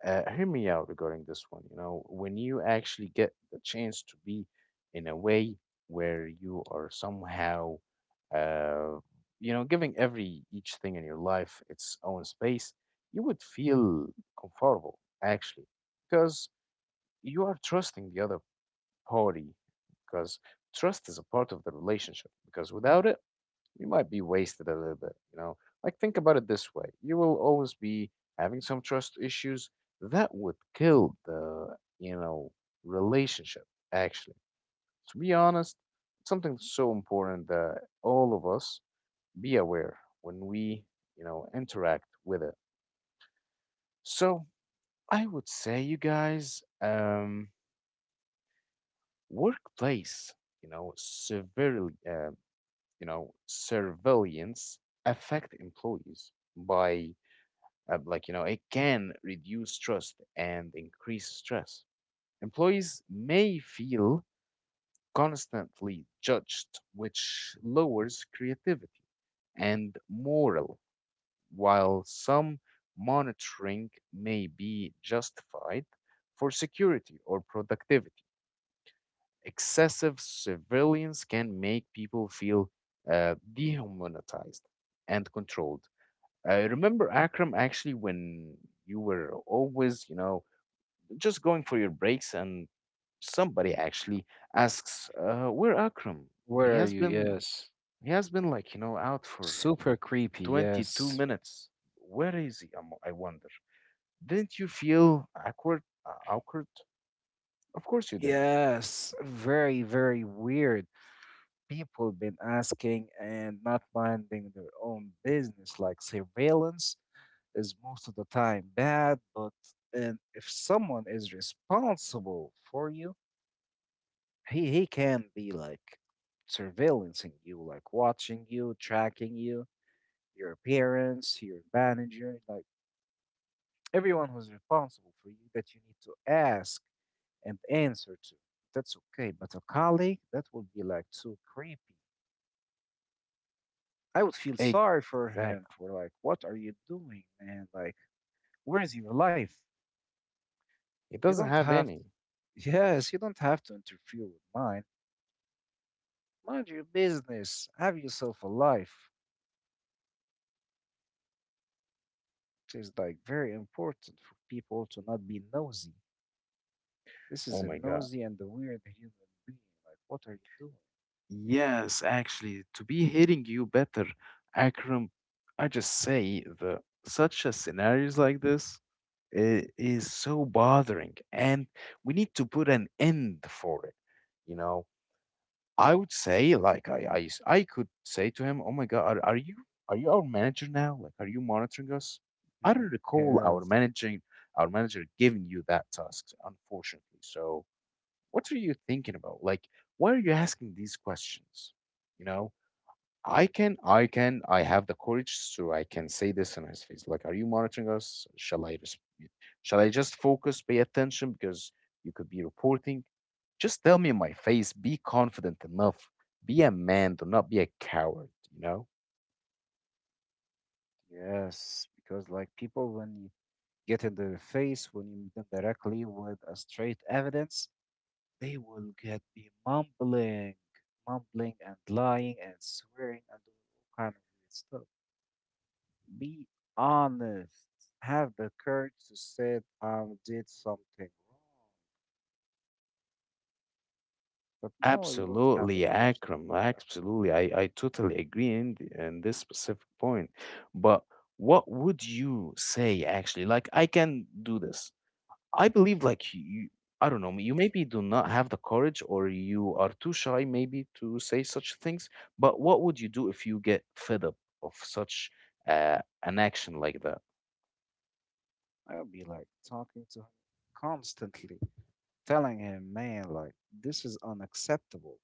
hear me out regarding this one. You know, when you actually get the chance to be in a way where you are somehow, uh, you know, giving every each thing in your life its own space, you would feel comfortable actually, because you are trusting the other party, because trust is a part of the relationship. Because without it, you might be wasted a little bit, you know? Like, think about it this way. You will always be having some trust issues that would kill the, you know, relationship, actually. To be honest, it's something that's so important that all of us be aware when we, you know, interact with it. So I would say, you guys, workplace, you know, severely, you know, surveillance affect employees by like you know it can reduce trust and increase stress, employees may feel constantly judged which lowers creativity and morale, while some monitoring may be justified for security or productivity, excessive surveillance can make people feel dehumanized and controlled. I remember Akram actually when you were always, you know, just going for your breaks and somebody actually asks, "Where Akram? He
where are
has
you?
been
Yes,
he has been like you know out for
super creepy.
22
Yes,
minutes. Where is he? I wonder. Didn't you feel awkward? Awkward? Of course you did.
yes, very, very weird. People been asking and not minding their own business. Like surveillance is most of the time bad, but and if someone is responsible for you, he can be like surveillancing you, like watching you, tracking you, your appearance, your manager, like everyone who's responsible for you that you need to ask and answer to. That's okay, but a colleague that would be like too creepy. I would feel sorry for him
Exactly.
for like, what are you doing, man? Like, where is your life?
He
You
doesn't
don't
have
have *laughs* to,
any.
yes, you don't have to interfere with mine. Mind your business. Have yourself a life. It is like very important for people to not be nosy. This is
Oh
a
my god.
nosy and a weird human being. Like, what are you doing?
Yes, actually, to be hitting you better, Akram. I just say the such a scenarios like this. It is so bothering, and we need to put an end for it. You know, I would say, like, I could say to him, "Oh my God, are you our manager now? Like, are you monitoring us?" I don't
*laughs*
recall
Yes,
our manager giving you that task, unfortunately. So, what are you thinking about? Like, why are you asking these questions? You know, I have the courage, so I can say this in his face. Like, are you monitoring us? Shall I just focus, pay attention because you could be reporting? Just tell me in my face. Be confident enough. Be a man. Do not be a coward. You know.
yes, because like people when you get in their face, when you meet them directly with a straight evidence, they will get me mumbling, mumbling and lying and swearing and doing all kind of weird stuff. Be honest. Have the courage to say I did something wrong. But no, you don't have the
Absolutely,
courage
Akram.
to do
Absolutely, I totally agree in in this specific point. But what would you say actually? Like, I can do this. I believe like you, I don't know, you maybe do not have the courage or you are too shy maybe to say such things, but what would you do if you get fed up of such an action like that?
that. I'll be like talking to him constantly, telling him, man, like this is unacceptable.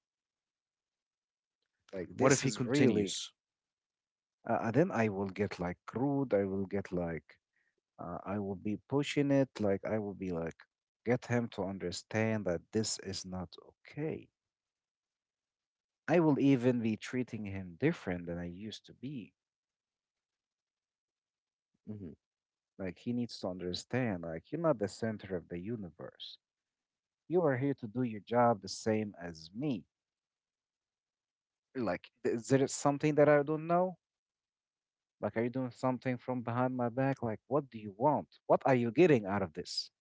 Like
What if
this
he
is really.
continues?
And then I will get like rude. I will get like I will be pushing it. Like, I will be like, get him to understand that this is not okay. I will even be treating him different than I used to be.
Mhm,
Like, he needs to understand, like, you're not the center of the universe. You are here to do your job the same as me. Like, is there something that I don't know? Like, are you doing something from behind my back? Like, what do you want? What are you getting out of this?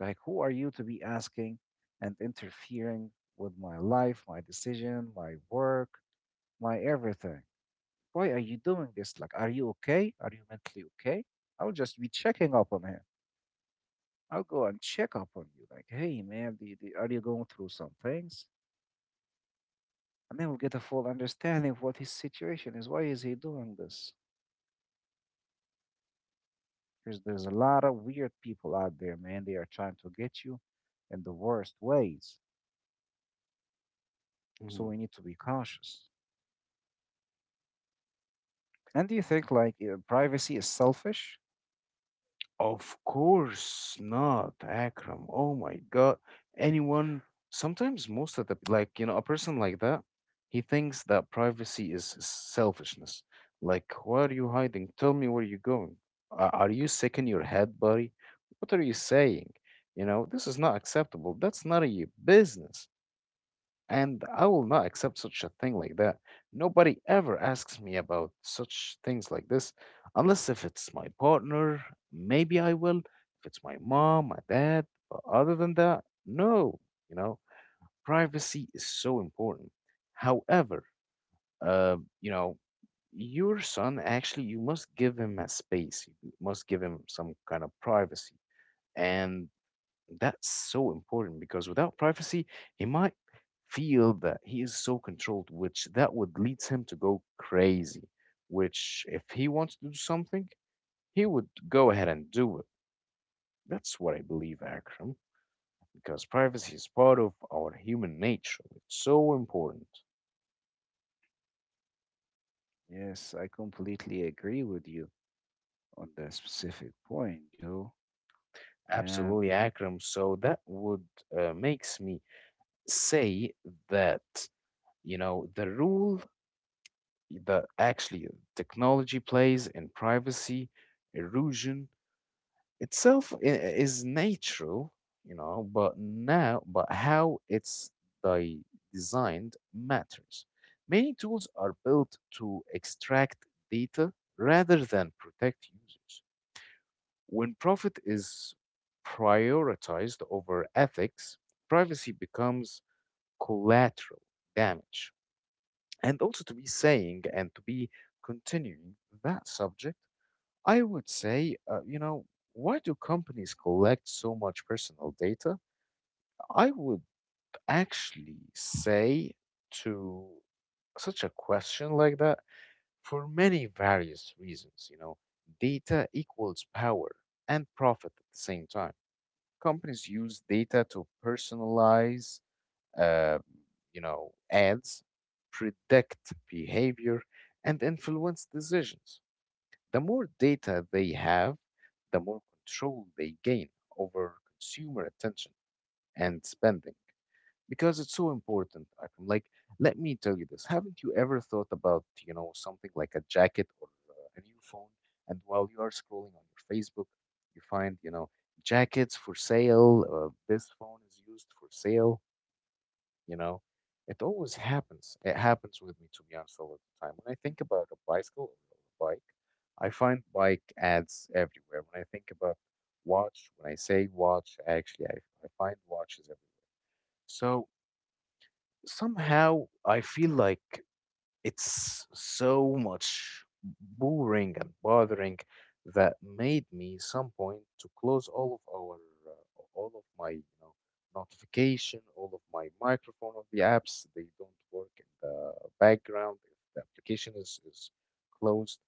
Like, who are you to be asking and interfering with my life, my decision, my work, my everything? Why are you doing this? Like, are you okay? Are you mentally okay? I'll just be checking up on him. I'll go and check up on you. Like, hey, man, do- are you going through some things? And then we'll get a full understanding of what his situation is. Why is he doing this? Because there's a lot of weird people out there, man. They are trying to get you in the worst ways. So
mhm.
we need to be cautious. And do you think like privacy is selfish?
Of course not, Akram. Oh my God. Anyone, sometimes most of the, like, you know, a person like that, he thinks that privacy is selfishness. Like, why are you hiding? Tell me where you're going. Are you sick in your head, buddy? What are you saying? You know, this is not acceptable. That's not your business. And I will not accept such a thing like that. Nobody ever asks me about such things like this, unless if it's my partner, maybe I will. If it's my mom, my dad, but other than that, no. You know, privacy is so important. However, uh, you know, your son actually, you must give him a space. You must give him some kind of privacy, and that's so important because without privacy, he might feel that he is so controlled, which that would lead him to go crazy. Which, if he wants to do something, he would go ahead and do it. That's what I believe, Akram, because privacy is part of our human nature. It's so important.
Yes, I completely agree with you on that specific point, Joe. And
Absolutely, Akram. So that would makes me say that you know the rule that actually technology plays in privacy erosion itself is natural, you know, but now, but how it's di- designed matters. Many tools are built to extract data rather than protect users. When profit is prioritized over ethics, privacy becomes collateral damage, and also to be saying and to be continuing that subject, I would say, you know, why do companies collect so much personal data? I would actually say to such a question like that for many various reasons, you know, data equals power and profit at the same time. Companies use data to personalize uh, you know, ads, predict behavior, and influence decisions. The more data they have, the more control they gain over consumer attention and spending. Because it's so important, Akram. Like, let me tell you this. Haven't you ever thought about, you know, something like a jacket or a new phone? And while you are scrolling on your Facebook, you find, you know, jackets for sale. This phone is used for sale. You know, it always happens. It happens with me, to be honest, all of the time. When I think about a bicycle or a bike, I find bike ads everywhere. When I think about watch, when I say watch, actually, I find watches everywhere. So somehow I feel like it's so much boring and bothering that made me some point to close all of our all of my you know notification, all of my microphone of the apps. They don't work in the background if the application is closed.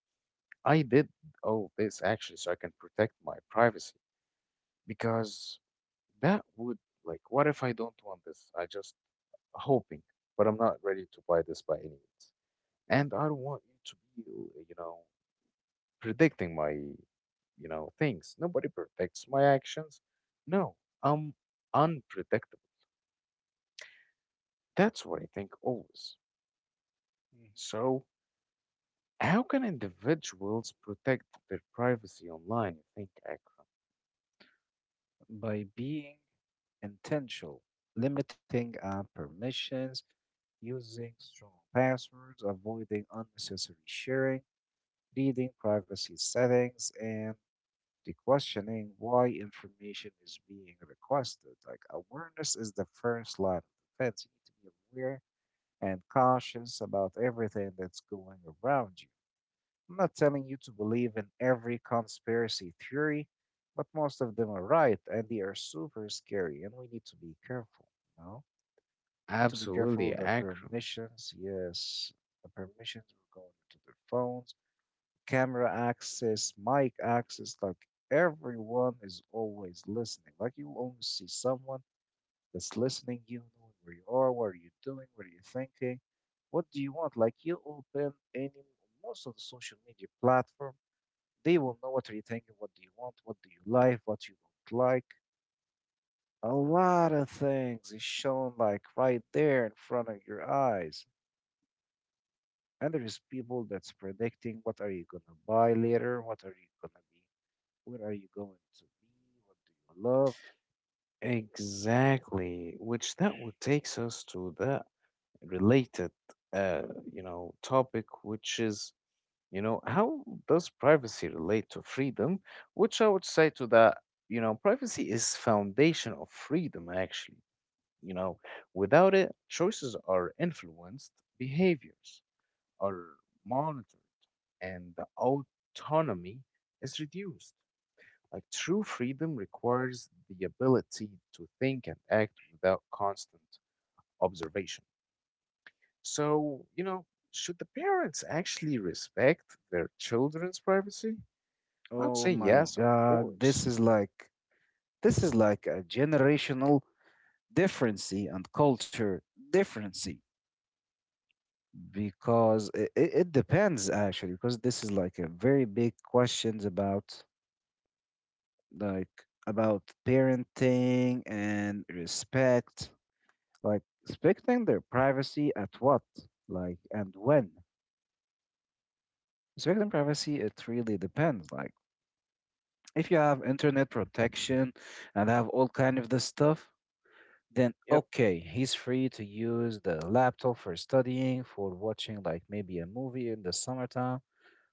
I did all this actually so I can protect my privacy because that would, like, what if I don't want this? I just hoping, but I'm not ready to buy this by any means and I don't want you to be, you know, predicting my, things. Nobody predicts my actions. No, I'm unpredictable. That's what I think always.
Mhm.
So, how can individuals protect their privacy online? You think, Akram?
by being intentional, limiting our permissions, using strong passwords, avoiding unnecessary sharing, reading privacy settings, and the questioning why information is being requested. Like awareness is the first line of defense. You need to be aware and cautious about everything that's going around you. I'm not telling you to believe in every conspiracy theory, but most of them are right and they are super scary and we need to be careful, you know? Need to be careful
Absolutely,
the
Akram.
permissions, yes, the permissions are going into their phones, camera access, mic access, like everyone is always listening. Like you always see someone that's listening you, knowing where you are, what are you doing, what are you thinking, what do you want? Like you open any most of the social media platform, they will know what are you thinking, what do you want, what do you like, what you don't like. A lot of things is shown like right there in front of your eyes. And there is people that's predicting what are you gonna buy later, what are you gonna be, where are you going to be, what do you love.
Exactly, which that would takes us to the related, uh, you know, topic, which is, you know, how does privacy relate to freedom? Which I would say to that, you know, privacy is foundation of freedom actually, you know. Without it, choices are influenced, behaviors are monitored, and the autonomy is reduced. Like, true freedom requires the ability to think and act without constant observation. So, you know, should the parents actually respect their children's privacy? I'd say
Oh my
yes, of
God,
course.
this is like a generational differency and culture differency because it depends actually because this is like a very big questions about like about parenting and respect like respecting their privacy at what like and when respecting privacy it really depends like if you have internet protection and have all kind of this stuff then
Yep.
okay, he's free to use the laptop for studying, for watching like maybe a movie in the summertime,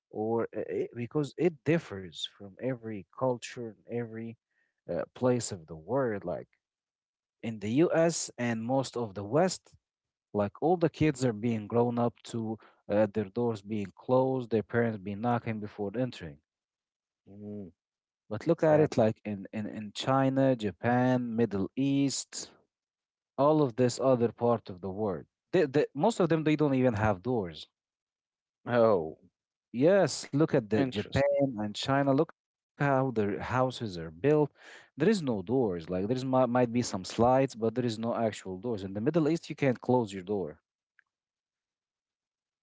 or because it differs from every culture, every place of the world. Like in the US and most of the West, like all the kids are being grown up to their doors being closed, their parents being knocking before entering.
Mm,
But look at it
sadly.
like in China, Japan, Middle East, all of this other part of the world. Most of them they don't even have doors.
Oh,
Yes, look at the Japan
interesting.
and China. Look how their houses are built. There is no doors. Like there is might be some slides, but there is no actual doors. In the Middle East, you can't close your door.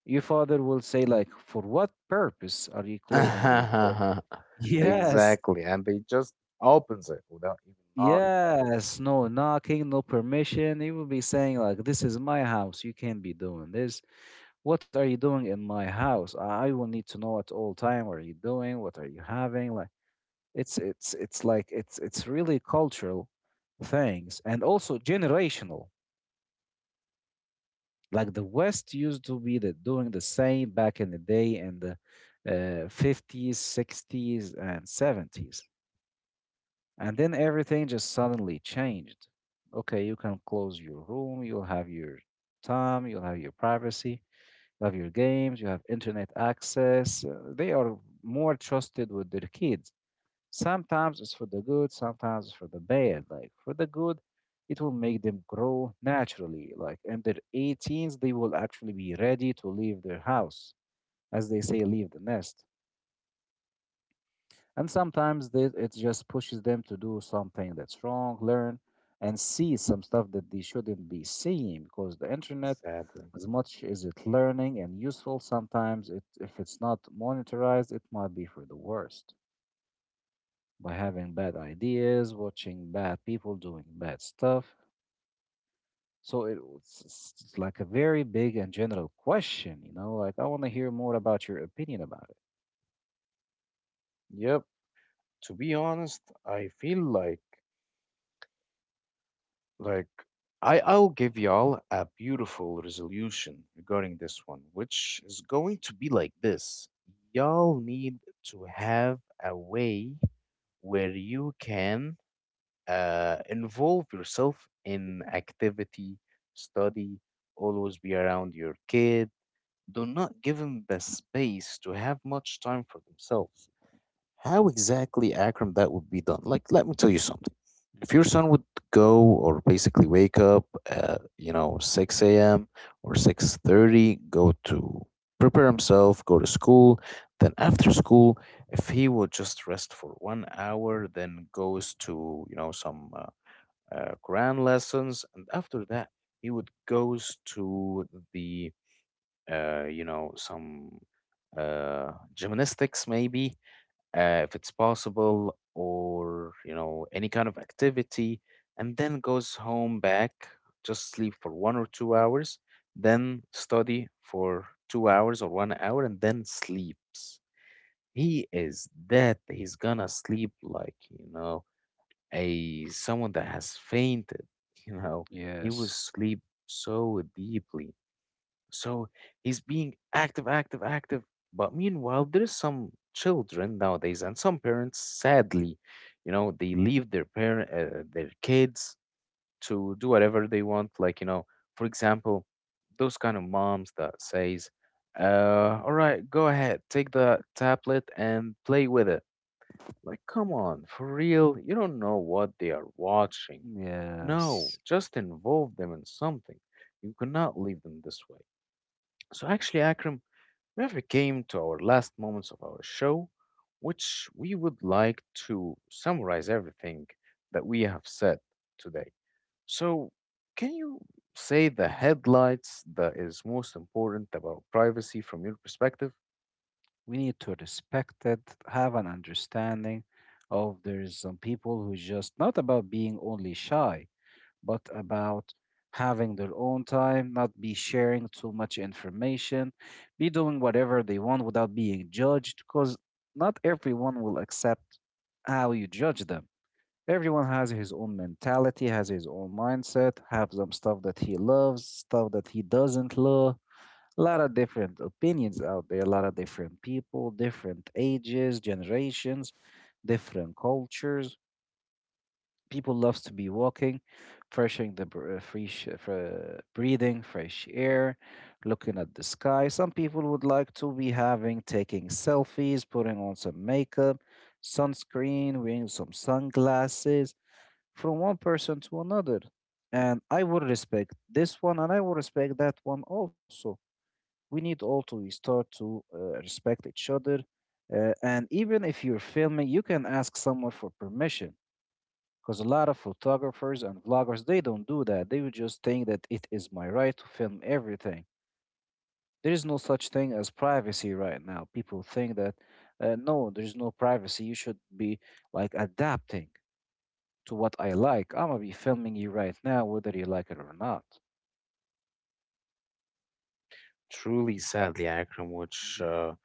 Your father will say like, "For what purpose are you closing your door?"
*laughs*
Yes,
Exactly. And they just opens it without even knocking.
yes. No knocking, no permission. He will be saying like, "This is my house. You can't be doing this." What are you doing in my house? I will need to know at all time what are you doing, what are you having? Like it's really cultural things and also generational. Like the West used to be doing the same back in the day in the 50s, 60s, and 70s. And then everything just suddenly changed. Okay, you can close your room, you'll have your time, you'll have your privacy. You have your games, you have internet access. They are more trusted with their kids. Sometimes it's for the good, sometimes it's for the bad. Like for the good, it will make them grow naturally. Like in their 18s, they will actually be ready to leave their house, as they say, leave the nest. And sometimes it just pushes them to do something that's wrong, learn, and see some stuff that they shouldn't be seeing because the internet,
Sadly.
as much as it's learning and useful, sometimes it, if it's not monetized, it might be for the worst by having bad ideas, watching bad people doing bad stuff. So it's like a very big and general question, like I want to hear more about your opinion about
Yep. To be honest, I feel like, like I I'll give y'all a beautiful resolution regarding this one, which is going to be like this. Y'all need to have a way where you can involve yourself in activity, study, always be around your kid. Do not give them the space to have much time for themselves. How exactly, Akram, that would be done? Like, let me tell you something.
it.
If your
Mhm.
son would go, or basically wake up at, you know, 6 a.m. or 6:30, go to prepare himself, go to school, then after school, if he would just rest for one hour, then goes to, you know, some Quran lessons, and after that he would goes to the, you know, some gymnastics maybe, if it's possible, or you know any kind of activity, and then goes home back, just sleep for one or two hours, then study for two hours or one hour, and then sleeps. He is that he's gonna sleep like, you know, a someone that has fainted, you know, he was
Yes.
sleep so deeply. So he's being active, active, active, but meanwhile there is some children nowadays and some parents, sadly, you know, they leave their parent, their kids to do whatever they want, like, you know, for example, those kind of moms that says, all right, go ahead, take the tablet and play with it. Like, come on, for real, you don't know what they are watching. No,
Yes.
just involve them in something. You cannot leave them this way. So actually, Akram, we have came to our last moments of our show, which we would like to summarize everything that we have said today. So, can you say the headlights that is most important about privacy from your perspective?
We need to respect it, have an understanding of there's some people who just not about being only shy, but about having their own time, not be sharing too much information, be doing whatever they want without being judged, because not everyone will accept how you judge them. Everyone has his own mentality, has his own mindset, have some stuff that he loves, stuff that he doesn't love, a lot of different opinions out there, a lot of different people, different ages, generations, different cultures. People loves to be walking, freshening the br- fresh, fre- breathing fresh air, looking at the sky. Some people would like to be having taking selfies, putting on some makeup, sunscreen, wearing some sunglasses from one person to another. And I would respect this one and I would respect that one also. We need all to start to respect each other. And even if you're filming, you can ask someone for permission because a lot of photographers and vloggers they don't do that. They would just think that it is my right to film everything. There is no such thing as privacy right now. People think that no, there is no privacy. You should be like adapting to what I like. I'm gonna be filming you right now, whether you like it or not.
Truly, sadly, Akram, which,
Mhm.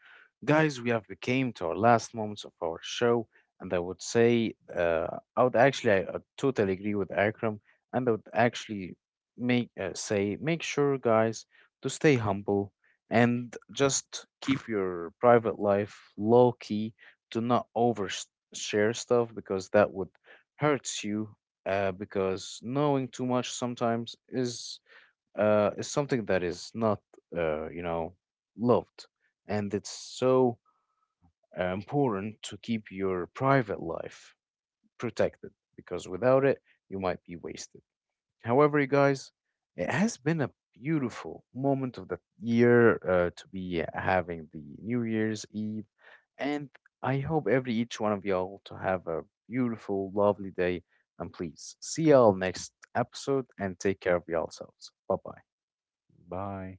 guys, we have became to our last moments of our show, and I would say, I would actually, I totally agree with Akram, and I would actually make sure, guys, to stay humble and just keep your private life low key. Do not over share stuff because that would hurts you. Because knowing too much sometimes is, is something that is not, you know, loved. And it's so important to keep your private life protected, because without it, you might be wasted. However, you guys, it has been a beautiful moment of the year, to be having the New Year's Eve. And I hope every each one of y'all to have a beautiful, lovely day. And please see y'all next episode and take care of yourselves. Bye bye.
Bye.